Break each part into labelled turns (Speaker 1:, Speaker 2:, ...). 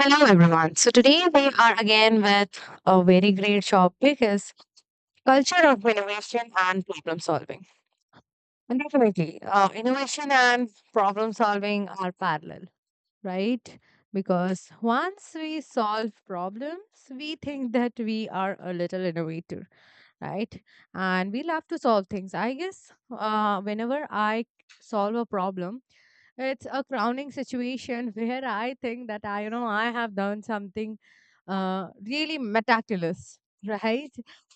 Speaker 1: Hello, everyone. So today we are again with a very great topic is culture of innovation and problem solving. And definitely, innovation and problem solving are parallel, right? Because once we solve problems, we think that we are a little innovator, right? And we love to solve things. I guess whenever I solve a problem, it's a crowning situation where I think that I have done something really meticulous, right?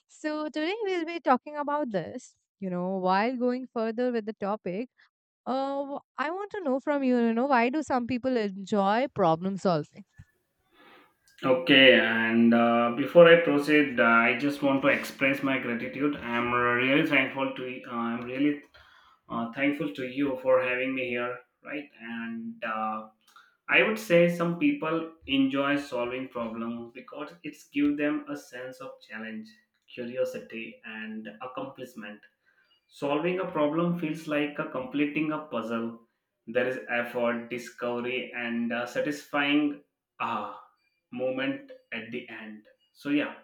Speaker 1: So today we'll be talking about this. You know, while going further with the topic, I want to know from you, you know, why do some people enjoy problem solving?
Speaker 2: Okay, and before I proceed, I just want to express my gratitude. I'm really thankful to I'm really thankful to you for having me here, right? And I would say some people enjoy solving problems because it's give them a sense of challenge, curiosity, and accomplishment. Solving a problem feels like a completing a puzzle. There is effort, discovery, and a satisfying ah moment at the end. So yeah,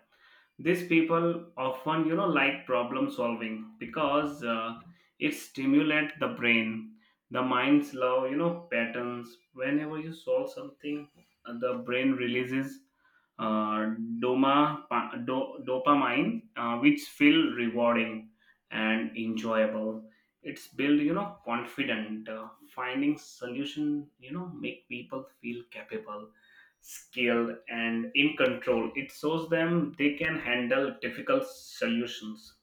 Speaker 2: these people often, you know, like problem solving because it stimulates the brain, the mind's love, you know, patterns. Whenever you solve something, the brain releases uh, dopamine, which feel rewarding and enjoyable. It's build, you know, confident. Finding solution, you know, make people feel capable, skilled and in control. It shows them they can handle difficult solutions,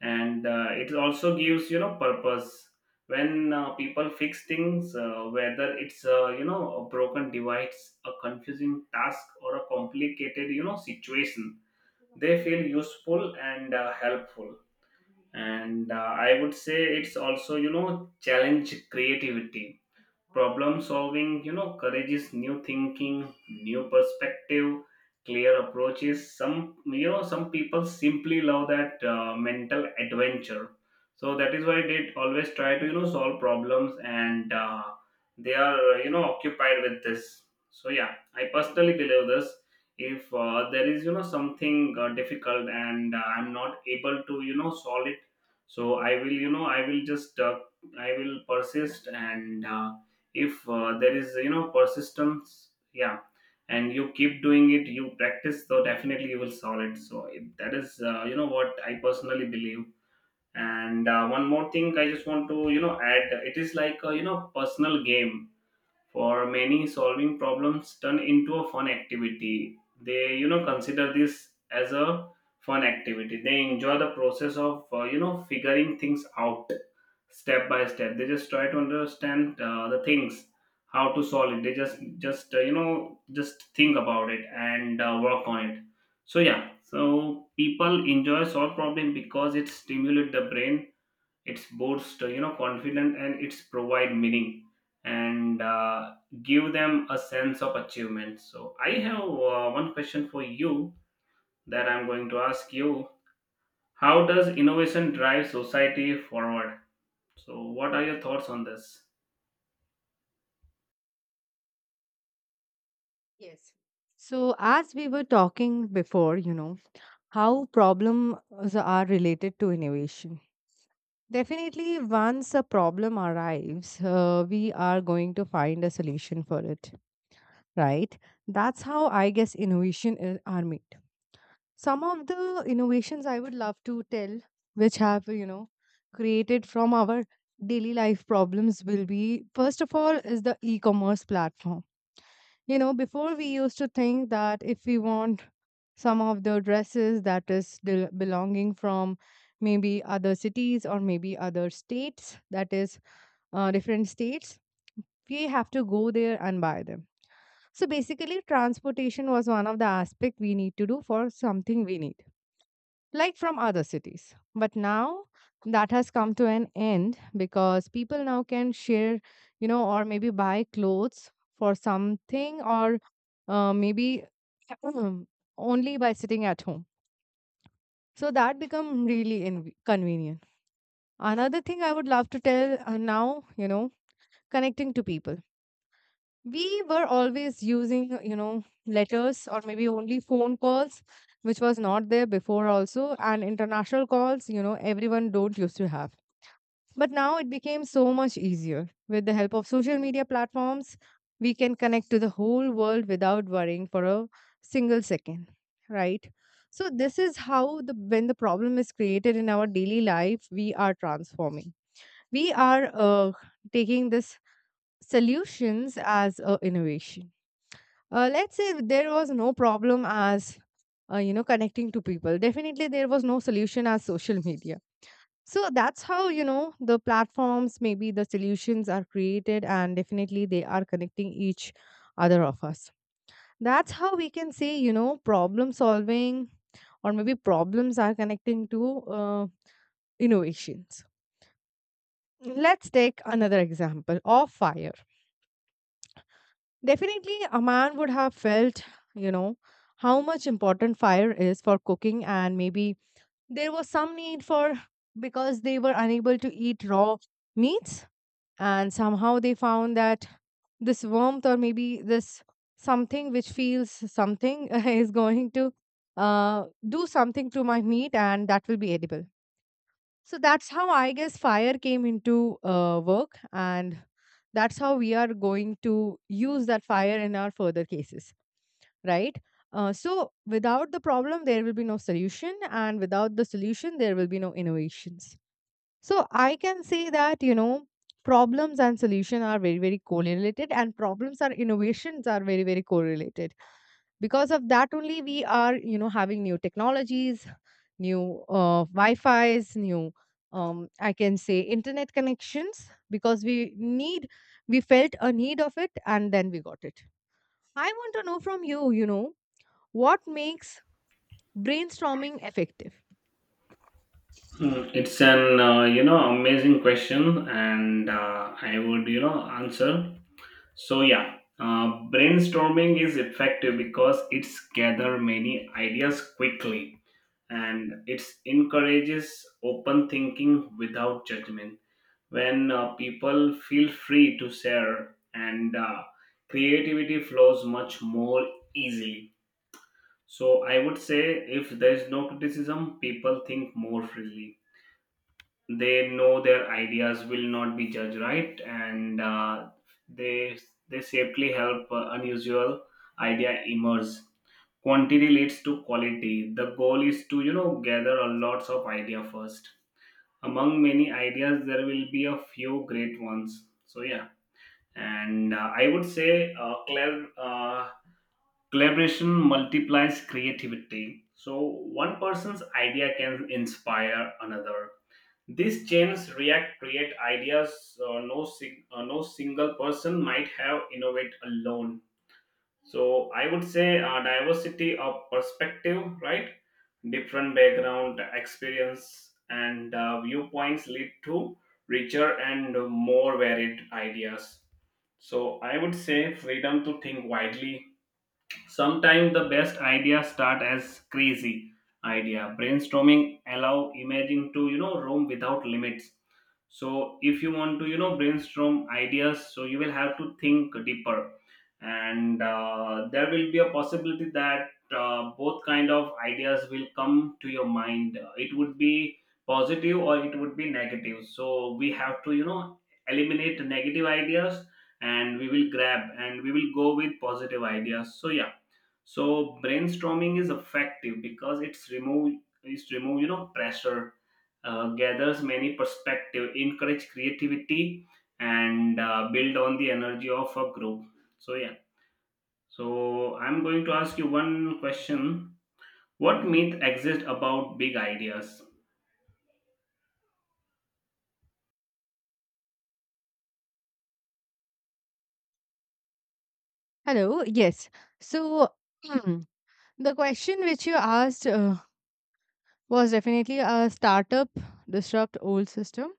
Speaker 2: and it also gives, you know, purpose. When people fix things, whether it's, you know, a broken device, a confusing task or a complicated, you know, situation, they feel useful and helpful. And I would say it's also, you know, challenge creativity. Problem solving, you know, encourages new thinking, new perspective, clear approaches. Some You know, some people simply love that mental adventure. So that is why they always try to, you know, solve problems, and they are, you know, occupied with this. So yeah, I personally believe this. If there is, you know, something difficult and I'm not able to, you know, solve it, so I will you know I will just I will persist. And if there is, you know, persistence, yeah, and you keep doing it, you practice, so definitely you will solve it. That is, you know, what I personally believe. And one more thing I just want to, you know, add: it is like a, you know, personal game. For many, solving problems turn into a fun activity. They, you know, consider this as a fun activity. They enjoy the process of, you know, figuring things out step by step. They just try to understand the things, how to solve it. They just you know, just think about it and work on it. So yeah, so people enjoy solve problem because it stimulates the brain, it's boast, you know, confidence and it's provide meaning, and give them a sense of achievement. So I have one question for you that I'm going to ask you. How does innovation drive society forward? So what are your thoughts on this?
Speaker 1: Yes. So, as we were talking before, you know, how problems are related to innovation. Definitely, once a problem arrives, we are going to find a solution for it, right? That's how I guess innovation is, are made. Some of the innovations I would love to tell, which have, you know, created from our daily life problems, will be first of all, is the e commerce platform, you know, before we used to think that if we want some of the dresses that is belonging from maybe other cities or maybe other states, that is, different states, we have to go there and buy them. So basically, transportation was one of the aspect we need to do for something we need like from other cities. But now that has come to an end because people now can share, you know, or maybe buy clothes for something or maybe only by sitting at home. So that become really convenient. Another thing I would love to tell, now, you know, connecting to people, we were always using, you know, letters or maybe only phone calls, which was not there before also, and international calls, you know, everyone don't used to have, but now it became so much easier with the help of social media platforms. We can connect to the whole world without worrying for a single second, right? So this is how, the when the problem is created in our daily life, we are transforming, we are taking this solutions as a innovation. Let's say there was no problem as, you know, connecting to people, definitely there was no solution as social media. So that's how, you know, the platforms, maybe the solutions, are created, and definitely they are connecting each other of us. That's how we can say, you know, problem solving or maybe problems are connecting to innovations. Let's take another example of fire. Definitely, a man would have felt, you know, how much important fire is for cooking, and maybe there was some need for, because they were unable to eat raw meats, and somehow they found that this warmth or maybe this something which feels something is going to do something to my meat, and that will be edible. So that's how I guess fire came into work, and that's how we are going to use that fire in our further cases, right? So without the problem, there will be no solution, and without the solution, there will be no innovations. So I can say that, you know, problems and solution are very, very correlated and problems and innovations are very, very correlated. Because of that only we are, you know, having new technologies, new Wi-Fi's, new I can say internet connections because we need, we felt a need of it and then we got it. I want to know from you, you know, what makes brainstorming effective?
Speaker 2: Hmm, it's an you know, amazing question, and I would, you know, answer. So yeah, uh, brainstorming is effective because it's gather many ideas quickly, and it encourages open thinking without judgment. When people feel free to share, and creativity flows much more easily. So, I would say if there is no criticism, people think more freely. They know their ideas will not be judged, right? And uh, they they safely help unusual idea emerge. Quantity leads to quality. The goal is to, you know, gather a lots of idea first. Among many ideas there will be a few great ones. So yeah, and I would say uh, clar- uh, collaboration multiplies creativity. So one person's idea can inspire another. These chains react create ideas. No single person might have innovate alone. So I would say diversity of perspective, right? Different background, experience, and viewpoints lead to richer and more varied ideas. So I would say freedom to think widely. Sometimes the best ideas start as crazy idea. Brainstorming allow imagine to, you know, roam without limits. So if you want to, you know, brainstorm ideas, so you will have to think deeper, and there will be a possibility that both kind of ideas will come to your mind. It would be positive or it would be negative, so we have to, you know, eliminate negative ideas, and we will grab and we will go with positive ideas. So yeah, so brainstorming is effective because it's remove you know, pressure, gathers many perspective, encourage creativity, and build on the energy of a group. So yeah, so I'm going to ask you one question. What myth exists about big ideas?
Speaker 1: Hello, yes. So the question which you asked was definitely a startup disrupt old system.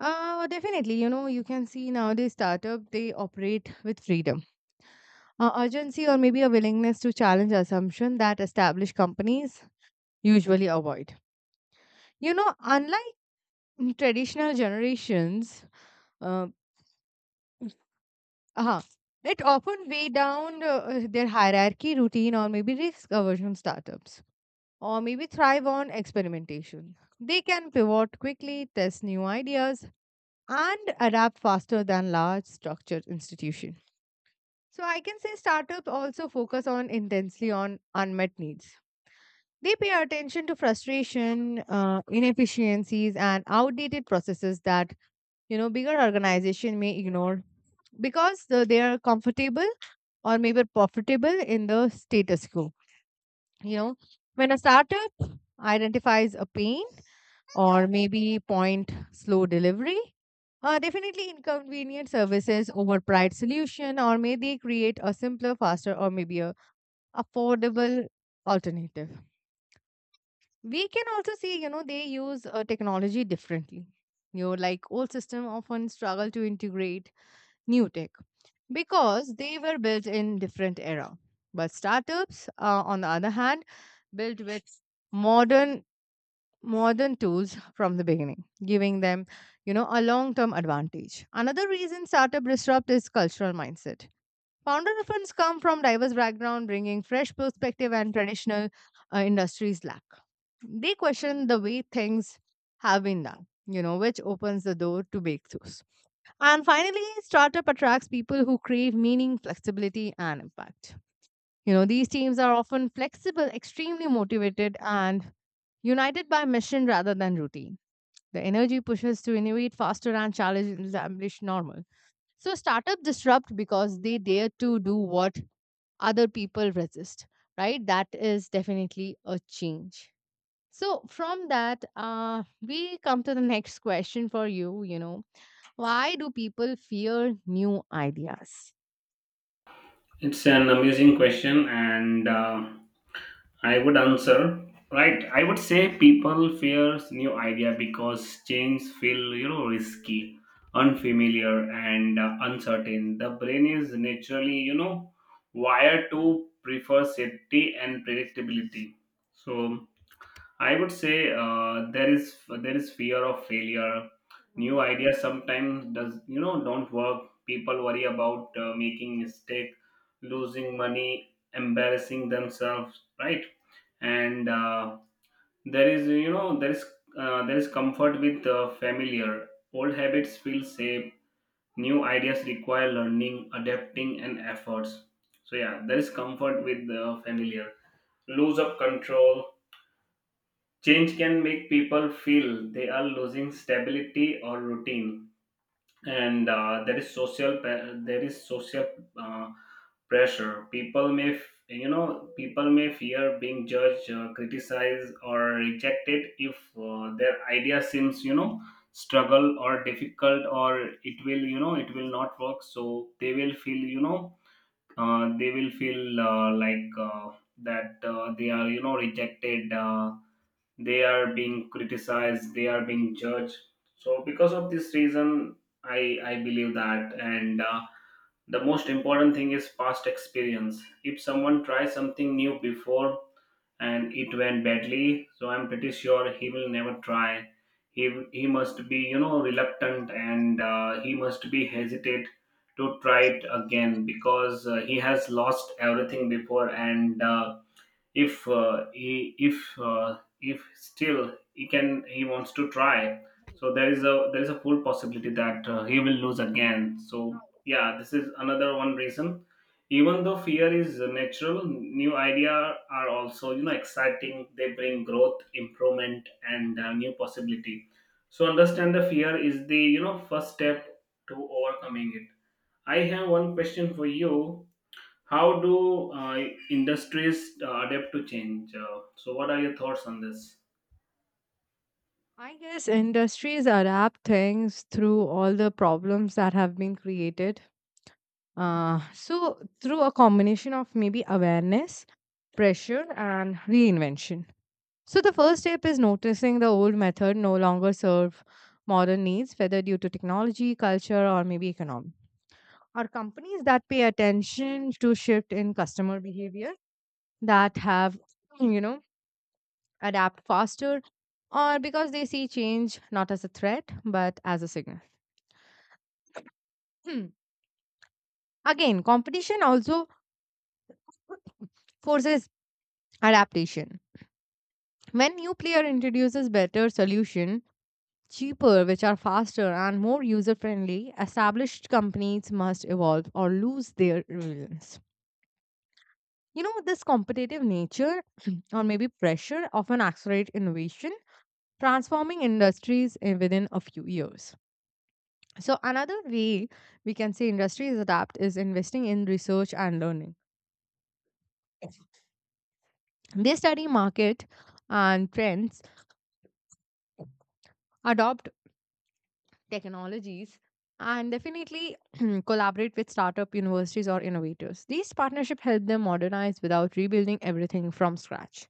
Speaker 1: Definitely, you know, you can see nowadays startup they operate with freedom, urgency, or maybe a willingness to challenge assumption that established companies usually avoid. You know, unlike traditional generations, uh, uh, it often weigh down their hierarchy, routine, or maybe risk aversion startups. Or maybe thrive on experimentation. They can pivot quickly, test new ideas, and adapt faster than large structured institutions. So I can say startups also focus on intensely on unmet needs. They pay attention to frustration, inefficiencies, and outdated processes that, you know, bigger organization may ignore because the, they are comfortable or maybe profitable in the status quo. You know, when a startup identifies a pain or maybe point slow delivery. Definitely inconvenient services over pride solution, or maybe create a simpler, faster, or maybe a affordable alternative. We can also see, you know, they use technology differently. You know, like old system often struggle to integrate new tech because they were built in different era. But startups, on the other hand, built with modern modern tools from the beginning, giving them, you know, a long-term advantage. Another reason startup disrupt is cultural mindset. Founder funds come from diverse background, bringing fresh perspective and traditional industries lack. They question the way things have been done, you know, which opens the door to breakthroughs. And finally, startup attracts people who crave meaning, flexibility, and impact. You know, these teams are often flexible, extremely motivated, and united by mission rather than routine. The energy pushes to innovate faster and challenge established normal. So startup disrupt because they dare to do what other people resist, right? That is definitely a change. So from that, we come to the next question for you. You know, why do people fear new ideas?
Speaker 2: It's an amazing question, and I would answer, right. I would say people fears new idea because change feel, you know, risky, unfamiliar, and uncertain. The brain is naturally, you know, wired to prefer safety and predictability. So I would say there is fear of failure. New ideas sometimes does, you know, don't work. People worry about making mistake, losing money, embarrassing themselves, right? And there is you know there is comfort with familiar. Old habits feel safe. New ideas require learning, adapting, and efforts. So yeah, there is comfort with the familiar. Lose of control, change can make people feel they are losing stability or routine, and there is social uh, pressure. You know, people may fear being judged, criticized or rejected if their idea seems, you know, struggle or difficult, or it will, you know, it will not work. So they will feel, you know, they will feel like that they are, you know, rejected, they are being criticized, they are being judged. So because of this reason, I believe that. And the most important thing is past experience. If someone tries something new before and it went badly, so I'm pretty sure he will never try. He must be, you know, reluctant and he must be hesitate to try it again because he has lost everything before, and if still he can, he wants to try, so there is a full possibility that he will lose again. So yeah, this is another one reason. Even though fear is natural, new idea are also, you know, exciting. They bring growth, improvement, and new possibility. So understand the fear is the, you know, first step to overcoming it. I have one question for you. How do industries adapt to change? So, what are your thoughts on this?
Speaker 1: I guess industries adapt things through all the problems that have been created. So through a combination of maybe awareness, pressure, and reinvention. So, the first step is noticing the old method no longer serve modern needs, whether due to technology, culture, or maybe economy. Are companies that pay attention to shift in customer behavior that have, you know, adapt faster, or because they see change not as a threat but as a signal. Hmm. Again, competition also forces adaptation. When new player introduces better solution, cheaper, which are faster and more user friendly, established companies must evolve or lose their relevance. You know, this competitive nature or maybe pressure often accelerate innovation, transforming industries within a few years. So another way we can say industries adapt is investing in research and learning. They study market and trends, adopt technologies, and definitely collaborate with startup universities or innovators. These partnerships help them modernize without rebuilding everything from scratch.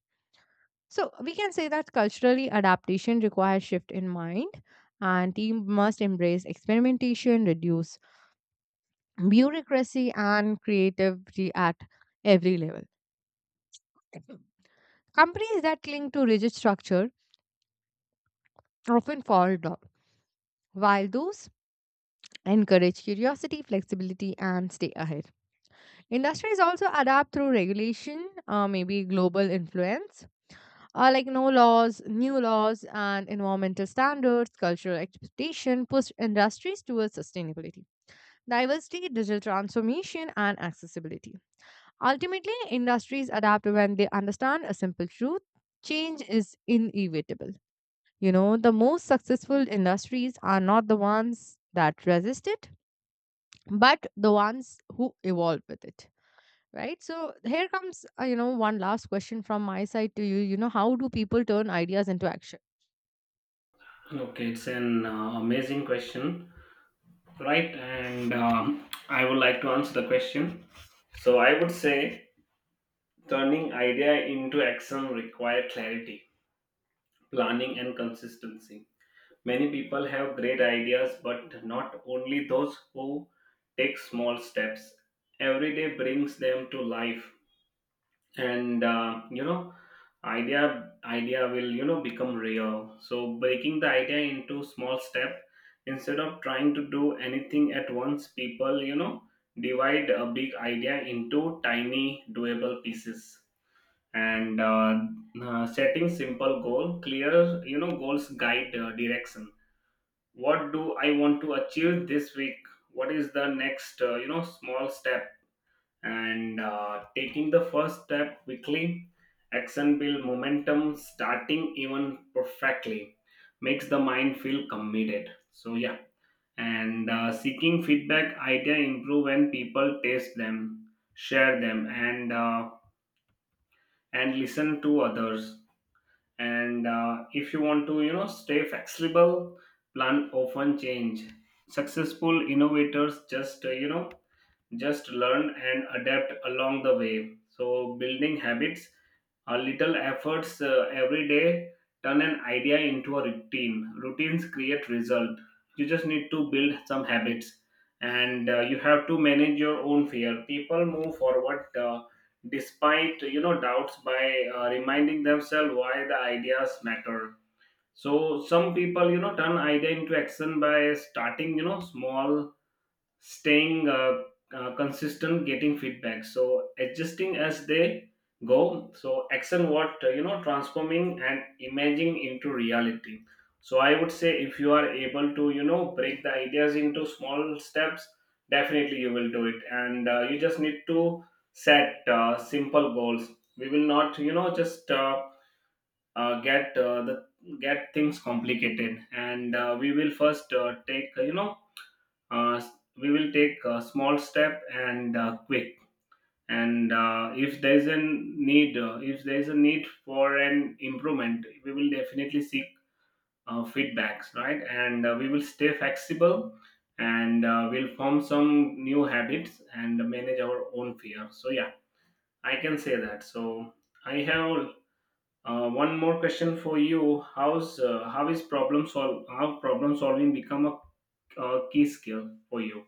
Speaker 1: So we can say that culturally adaptation requires shift in mind and team must embrace experimentation, reduce bureaucracy and creativity at every level. Companies that cling to rigid structure often fall down, while those encourage curiosity, flexibility, and stay ahead. Industries also adapt through regulation, maybe global influence, like no laws, new laws, and environmental standards, cultural expectation push industries towards sustainability, diversity, digital transformation, and accessibility. Ultimately, industries adapt when they understand a simple truth: change is inevitable. You know, the most successful industries are not the ones that resist it, but the ones who evolve with it. Right. So here comes, you know, one last question from my side to you. You know, how do people turn ideas into action?
Speaker 2: Okay, it's an amazing question, right? And I would like to answer the question. So, I would say turning idea into action require clarity, planning, and consistency. Many people have great ideas, but not only those who take small steps every day brings them to life, and you know, idea will, you know, become real. So breaking the idea into small step, instead of trying to do anything at once, people, you know, divide a big idea into tiny doable pieces, and setting simple goal, clear, you know, goals guide direction. What do I want to achieve this week? What is the next, you know, small step? And taking the first step quickly, action build momentum. Starting even perfectly makes the mind feel committed. So yeah, and seeking feedback, idea improve when people taste them, share them, and and listen to others, and if you want to, you know, stay flexible, plan often change. Successful innovators just, you know, just learn and adapt along the way. So building habits, a little efforts every day, turn an idea into a routine. Routines create result. You just need to build some habits, and you have to manage your own fear. People move forward, despite, you know, doubts by reminding themselves why the ideas matter. So some people, you know, turn idea into action by starting, you know, small, staying consistent, getting feedback, so adjusting as they go. So action what, you know, transforming and imaging into reality. So I would say if you are able to, you know, break the ideas into small steps, definitely you will do it, and you just need to set simple goals. We will not, you know, just get the get things complicated, and we will first take, you know, uh, we will take a small step and quick, and if there is a need, if there is a need for an improvement, we will definitely seek feedbacks, right? And we will stay flexible, and we'll form some new habits and manage our own fear. So yeah, I can say that. So I have one more question for you. How's how is problem solve How problem solving become a key skill for you?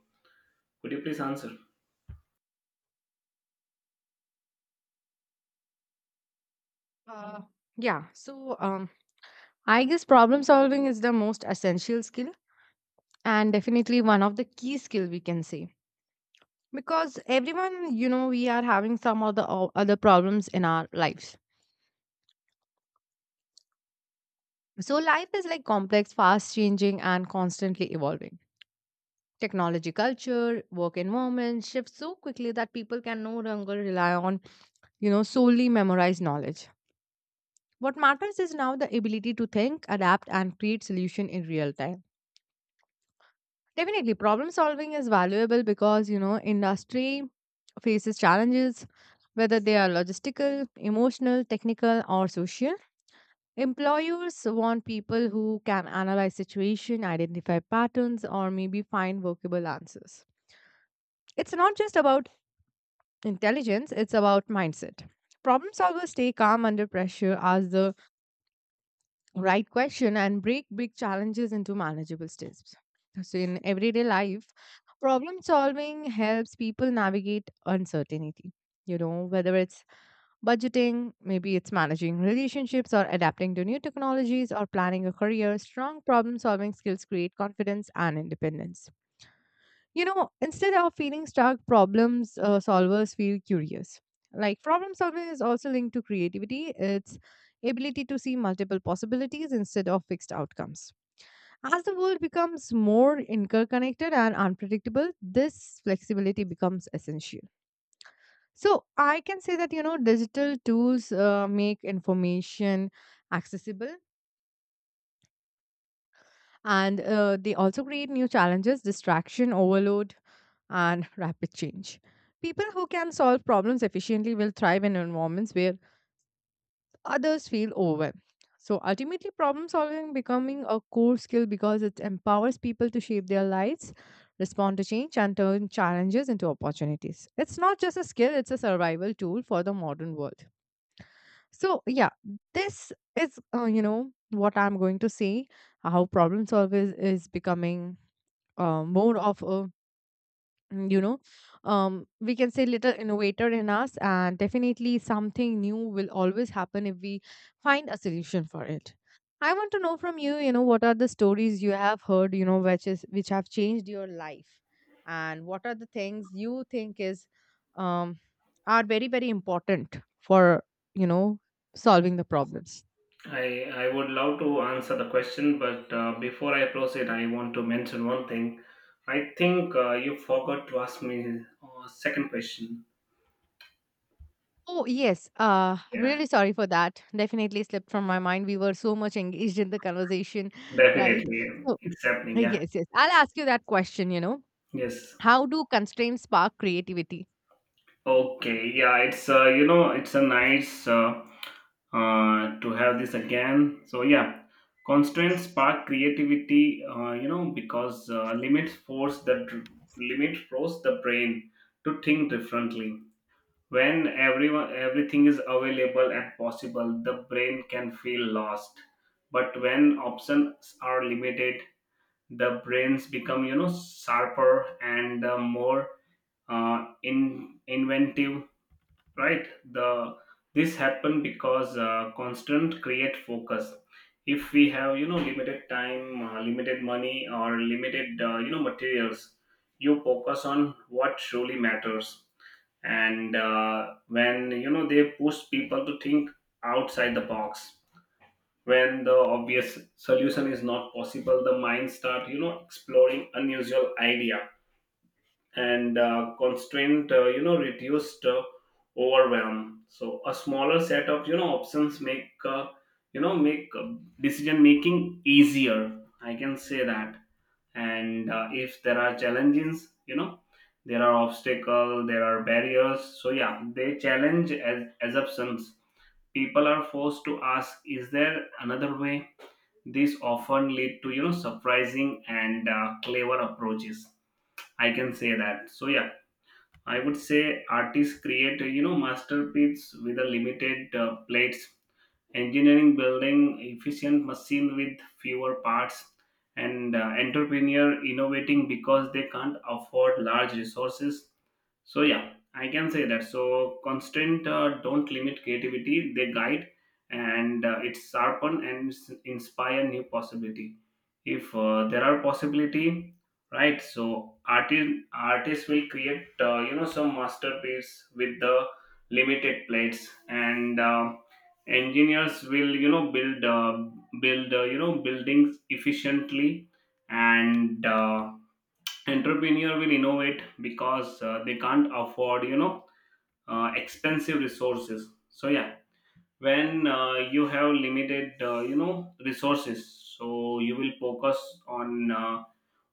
Speaker 2: Could you please answer?
Speaker 1: Uh, yeah. So, um, I guess problem solving is the most essential skill and definitely one of the key skill we can say because everyone, you know, we are having some of the other problems in our lives. So life is like complex, fast changing and constantly evolving. Technology culture, work environment shift so quickly that people can no longer rely on, you know, solely memorized knowledge. What matters is now the ability to think, adapt and create solution in real time. Definitely problem solving is valuable because, you know, industry faces challenges, whether they are logistical, emotional, technical, or social. Employers want people who can analyze situation, identify patterns, or maybe find workable answers. It's not just about intelligence, it's about mindset. Problem solvers stay calm under pressure, ask the right question, and break big challenges into manageable steps. So, in everyday life, problem solving helps people navigate uncertainty. You know, whether it's budgeting, maybe it's managing relationships or adapting to new technologies or planning a career, strong problem solving skills create confidence and independence. You know, instead of feeling stuck, problems solvers feel curious. Like problem solving is also linked to creativity, it's ability to see multiple possibilities instead of fixed outcomes. As the world becomes more interconnected and unpredictable, this flexibility becomes essential. So I can say that, you know, digital tools make information accessible, and they also create new challenges, distraction, overload, and rapid change. People who can solve problems efficiently will thrive in environments where others feel overwhelmed. So ultimately, problem solving becoming a core skill because it empowers people to shape their lives, respond to change, and turn challenges into opportunities. It's not just a skill; it's a survival tool for the modern world. So, yeah, this is what I'm going to say how problem solving is becoming more of a mm, you know we can say little innovator in us, and definitely something new will always happen if we find a solution for it. I want to know from you, you know, what are the stories you have heard, you know, which is which have changed your life, and what are the things you think is um are very, very important for, you know, solving the problems.
Speaker 2: I would love to answer the question, but before I proceed, I want to mention one thing. I think you forgot to ask me second question.
Speaker 1: Oh, yes.
Speaker 2: Yeah,
Speaker 1: Really sorry for that. Definitely slipped from my mind. We were so much engaged in the conversation, right?
Speaker 2: definitely,
Speaker 1: So,
Speaker 2: it's happening. Yeah,
Speaker 1: yes, yes. I'll ask you that question, you know.
Speaker 2: yes.
Speaker 1: How do constraints spark creativity?
Speaker 2: Okay, yeah, it's it's a nice to have this again. So yeah, constraints spark creativity. Because limits force the limit force the brain to think differently. When everyone everything is available and possible, the brain can feel lost. But when options are limited, the brains become, you know, sharper and more in inventive, right? The this happen because constant create focus. If we have, you know, limited time, limited money, or limited, you know, materials, you focus on what truly matters. And when, you know, they push people to think outside the box. When the obvious solution is not possible, the mind start, you know, exploring unusual idea. And constraint, you know, reduced, overwhelm. So a smaller set of, you know, options make, you know, make decision making easier, I can say that. And if there are challenges, you know, there are obstacles, there are barriers, so yeah, they challenge as assumptions. People are forced to ask, is there another way? This often lead to, you know, surprising and clever approaches, I can say that. So yeah, I would say artists create, you know, masterpiece with a limited plates. Engineering building efficient machine with fewer parts. And entrepreneur innovating because they can't afford large resources. So yeah, I can say that. So constraint, don't limit creativity, they guide. And it sharpen and inspire new possibility, if there are possibility, right? So artists will create, you know, some masterpiece with the limited plates. And engineers will, you know, build you know, buildings efficiently. And entrepreneur will innovate because they can't afford, you know, expensive resources. So yeah, when you have limited, you know, resources, so you will focus on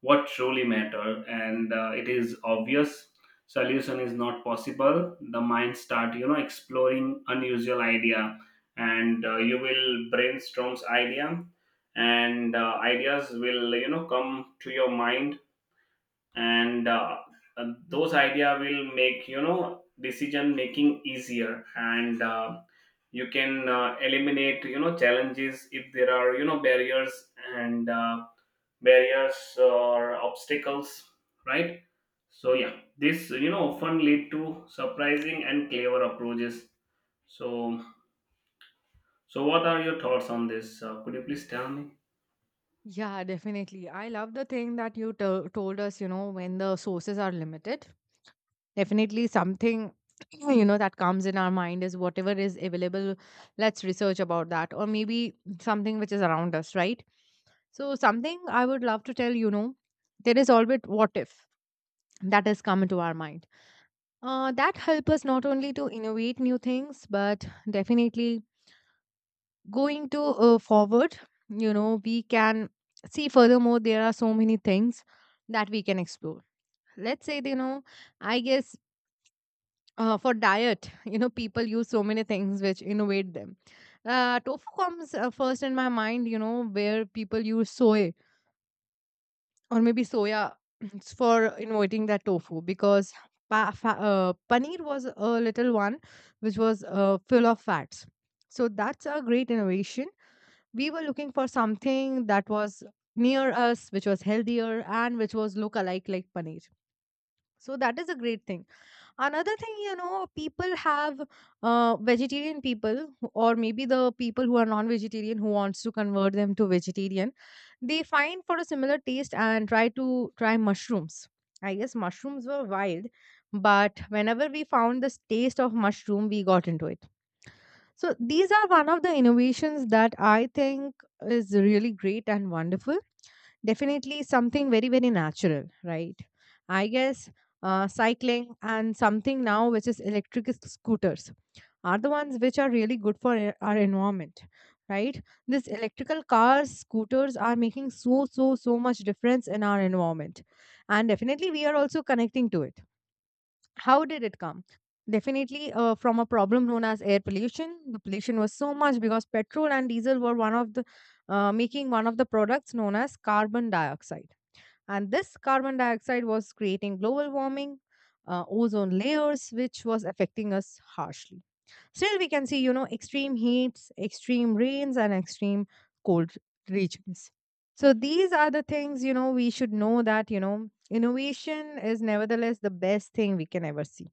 Speaker 2: what truly matter. And it is obvious solution is not possible, the mind start, you know, exploring unusual idea. And you will brainstorms idea. And ideas will, you know, come to your mind. And those idea will make, you know, decision making easier. And you can eliminate, you know, challenges, if there are, you know, barriers. And barriers or obstacles, right? So yeah, this, you know, often lead to surprising and clever approaches. So so what are your thoughts on this? Could you please tell me?
Speaker 1: Yeah, definitely. I love the thing that you to told us, you know, when the sources are limited. Definitely something you know that comes in our mind is whatever is available, let's research about that, or maybe something which is around us, right? So something I would love to tell, you know, there is always what if that has come into our mind. That help us not only to innovate new things, but definitely going to forward, you know, we can see furthermore. There are so many things that we can explore. Let's say, you know, I guess for diet you know, people use so many things which innovate them. Tofu comes first in my mind, you know, where people use soy, or maybe soya, for innovating that tofu, because paneer was a little one which was full of fats. So that's a great innovation. We were looking for something that was near us, which was healthier and which was look alike like paneer. So that is a great thing. Another thing, you know, people have vegetarian people, or maybe the people who are non-vegetarian who wants to convert them to vegetarian. They find for a similar taste and try mushrooms. I guess mushrooms were wild, but whenever we found this taste of mushroom, we got into it. So these are one of the innovations that I think is really great and wonderful. Definitely something very, very natural, right? I guess cycling and something now, which is electric scooters, are the ones which are really good for our environment, right? This electrical cars, scooters are making so, so, so much difference in our environment. And definitely we are also connecting to it. How did it come? Definitely from a problem known as air pollution. The pollution was so much because petrol and diesel were one of the making one of the products known as carbon dioxide. And this carbon dioxide was creating global warming, ozone layers, which was affecting us harshly. Still, we can see, you know, extreme heats, extreme rains, and extreme cold regions. So these are the things, you know, we should know that, you know, innovation is nevertheless the best thing we can ever see,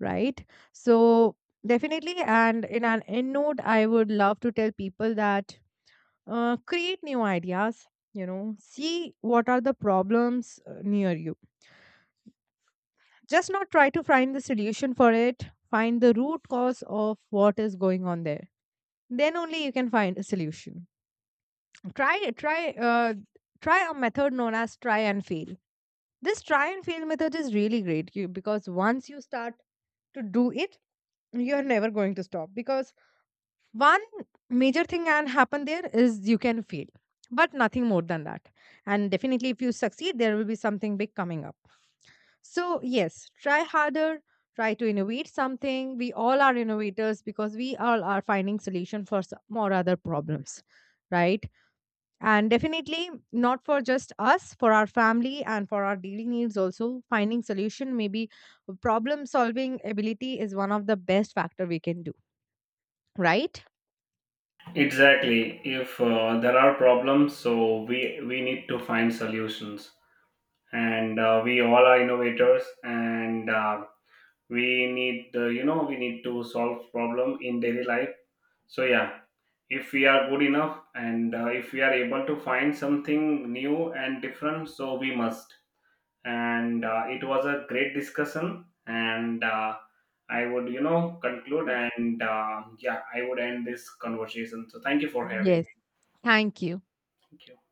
Speaker 1: right? So definitely, and in an end note, I would love to tell people that create new ideas. You know, see what are the problems near you. Just not try to find the solution for it. Find the root cause of what is going on there. Then only you can find a solution. Try, try, uh, Try a method known as try and fail. This try and fail method is really great you, because once you start to do it, you're never going to stop, because one major thing can happen there is you can fail, but nothing more than that. And definitely if you succeed, there will be something big coming up. So yes, try harder, try to innovate something. We all are innovators because we all are finding solution for some or other problems, right? And definitely not for just us, for our family and for our daily needs also finding solution. Maybe problem solving ability is one of the best factor we can do, right?
Speaker 2: Exactly, if there are problems, so we need to find solutions. And we all are innovators. And we need, you know, we need to solve problem in daily life. So yeah, if we are good enough, and if we are able to find something new and different, so we must. And it was a great discussion. And I would, you know, conclude. And yeah, I would end this conversation. So thank you for having
Speaker 1: Yes.
Speaker 2: me.
Speaker 1: Thank you.
Speaker 2: Thank you.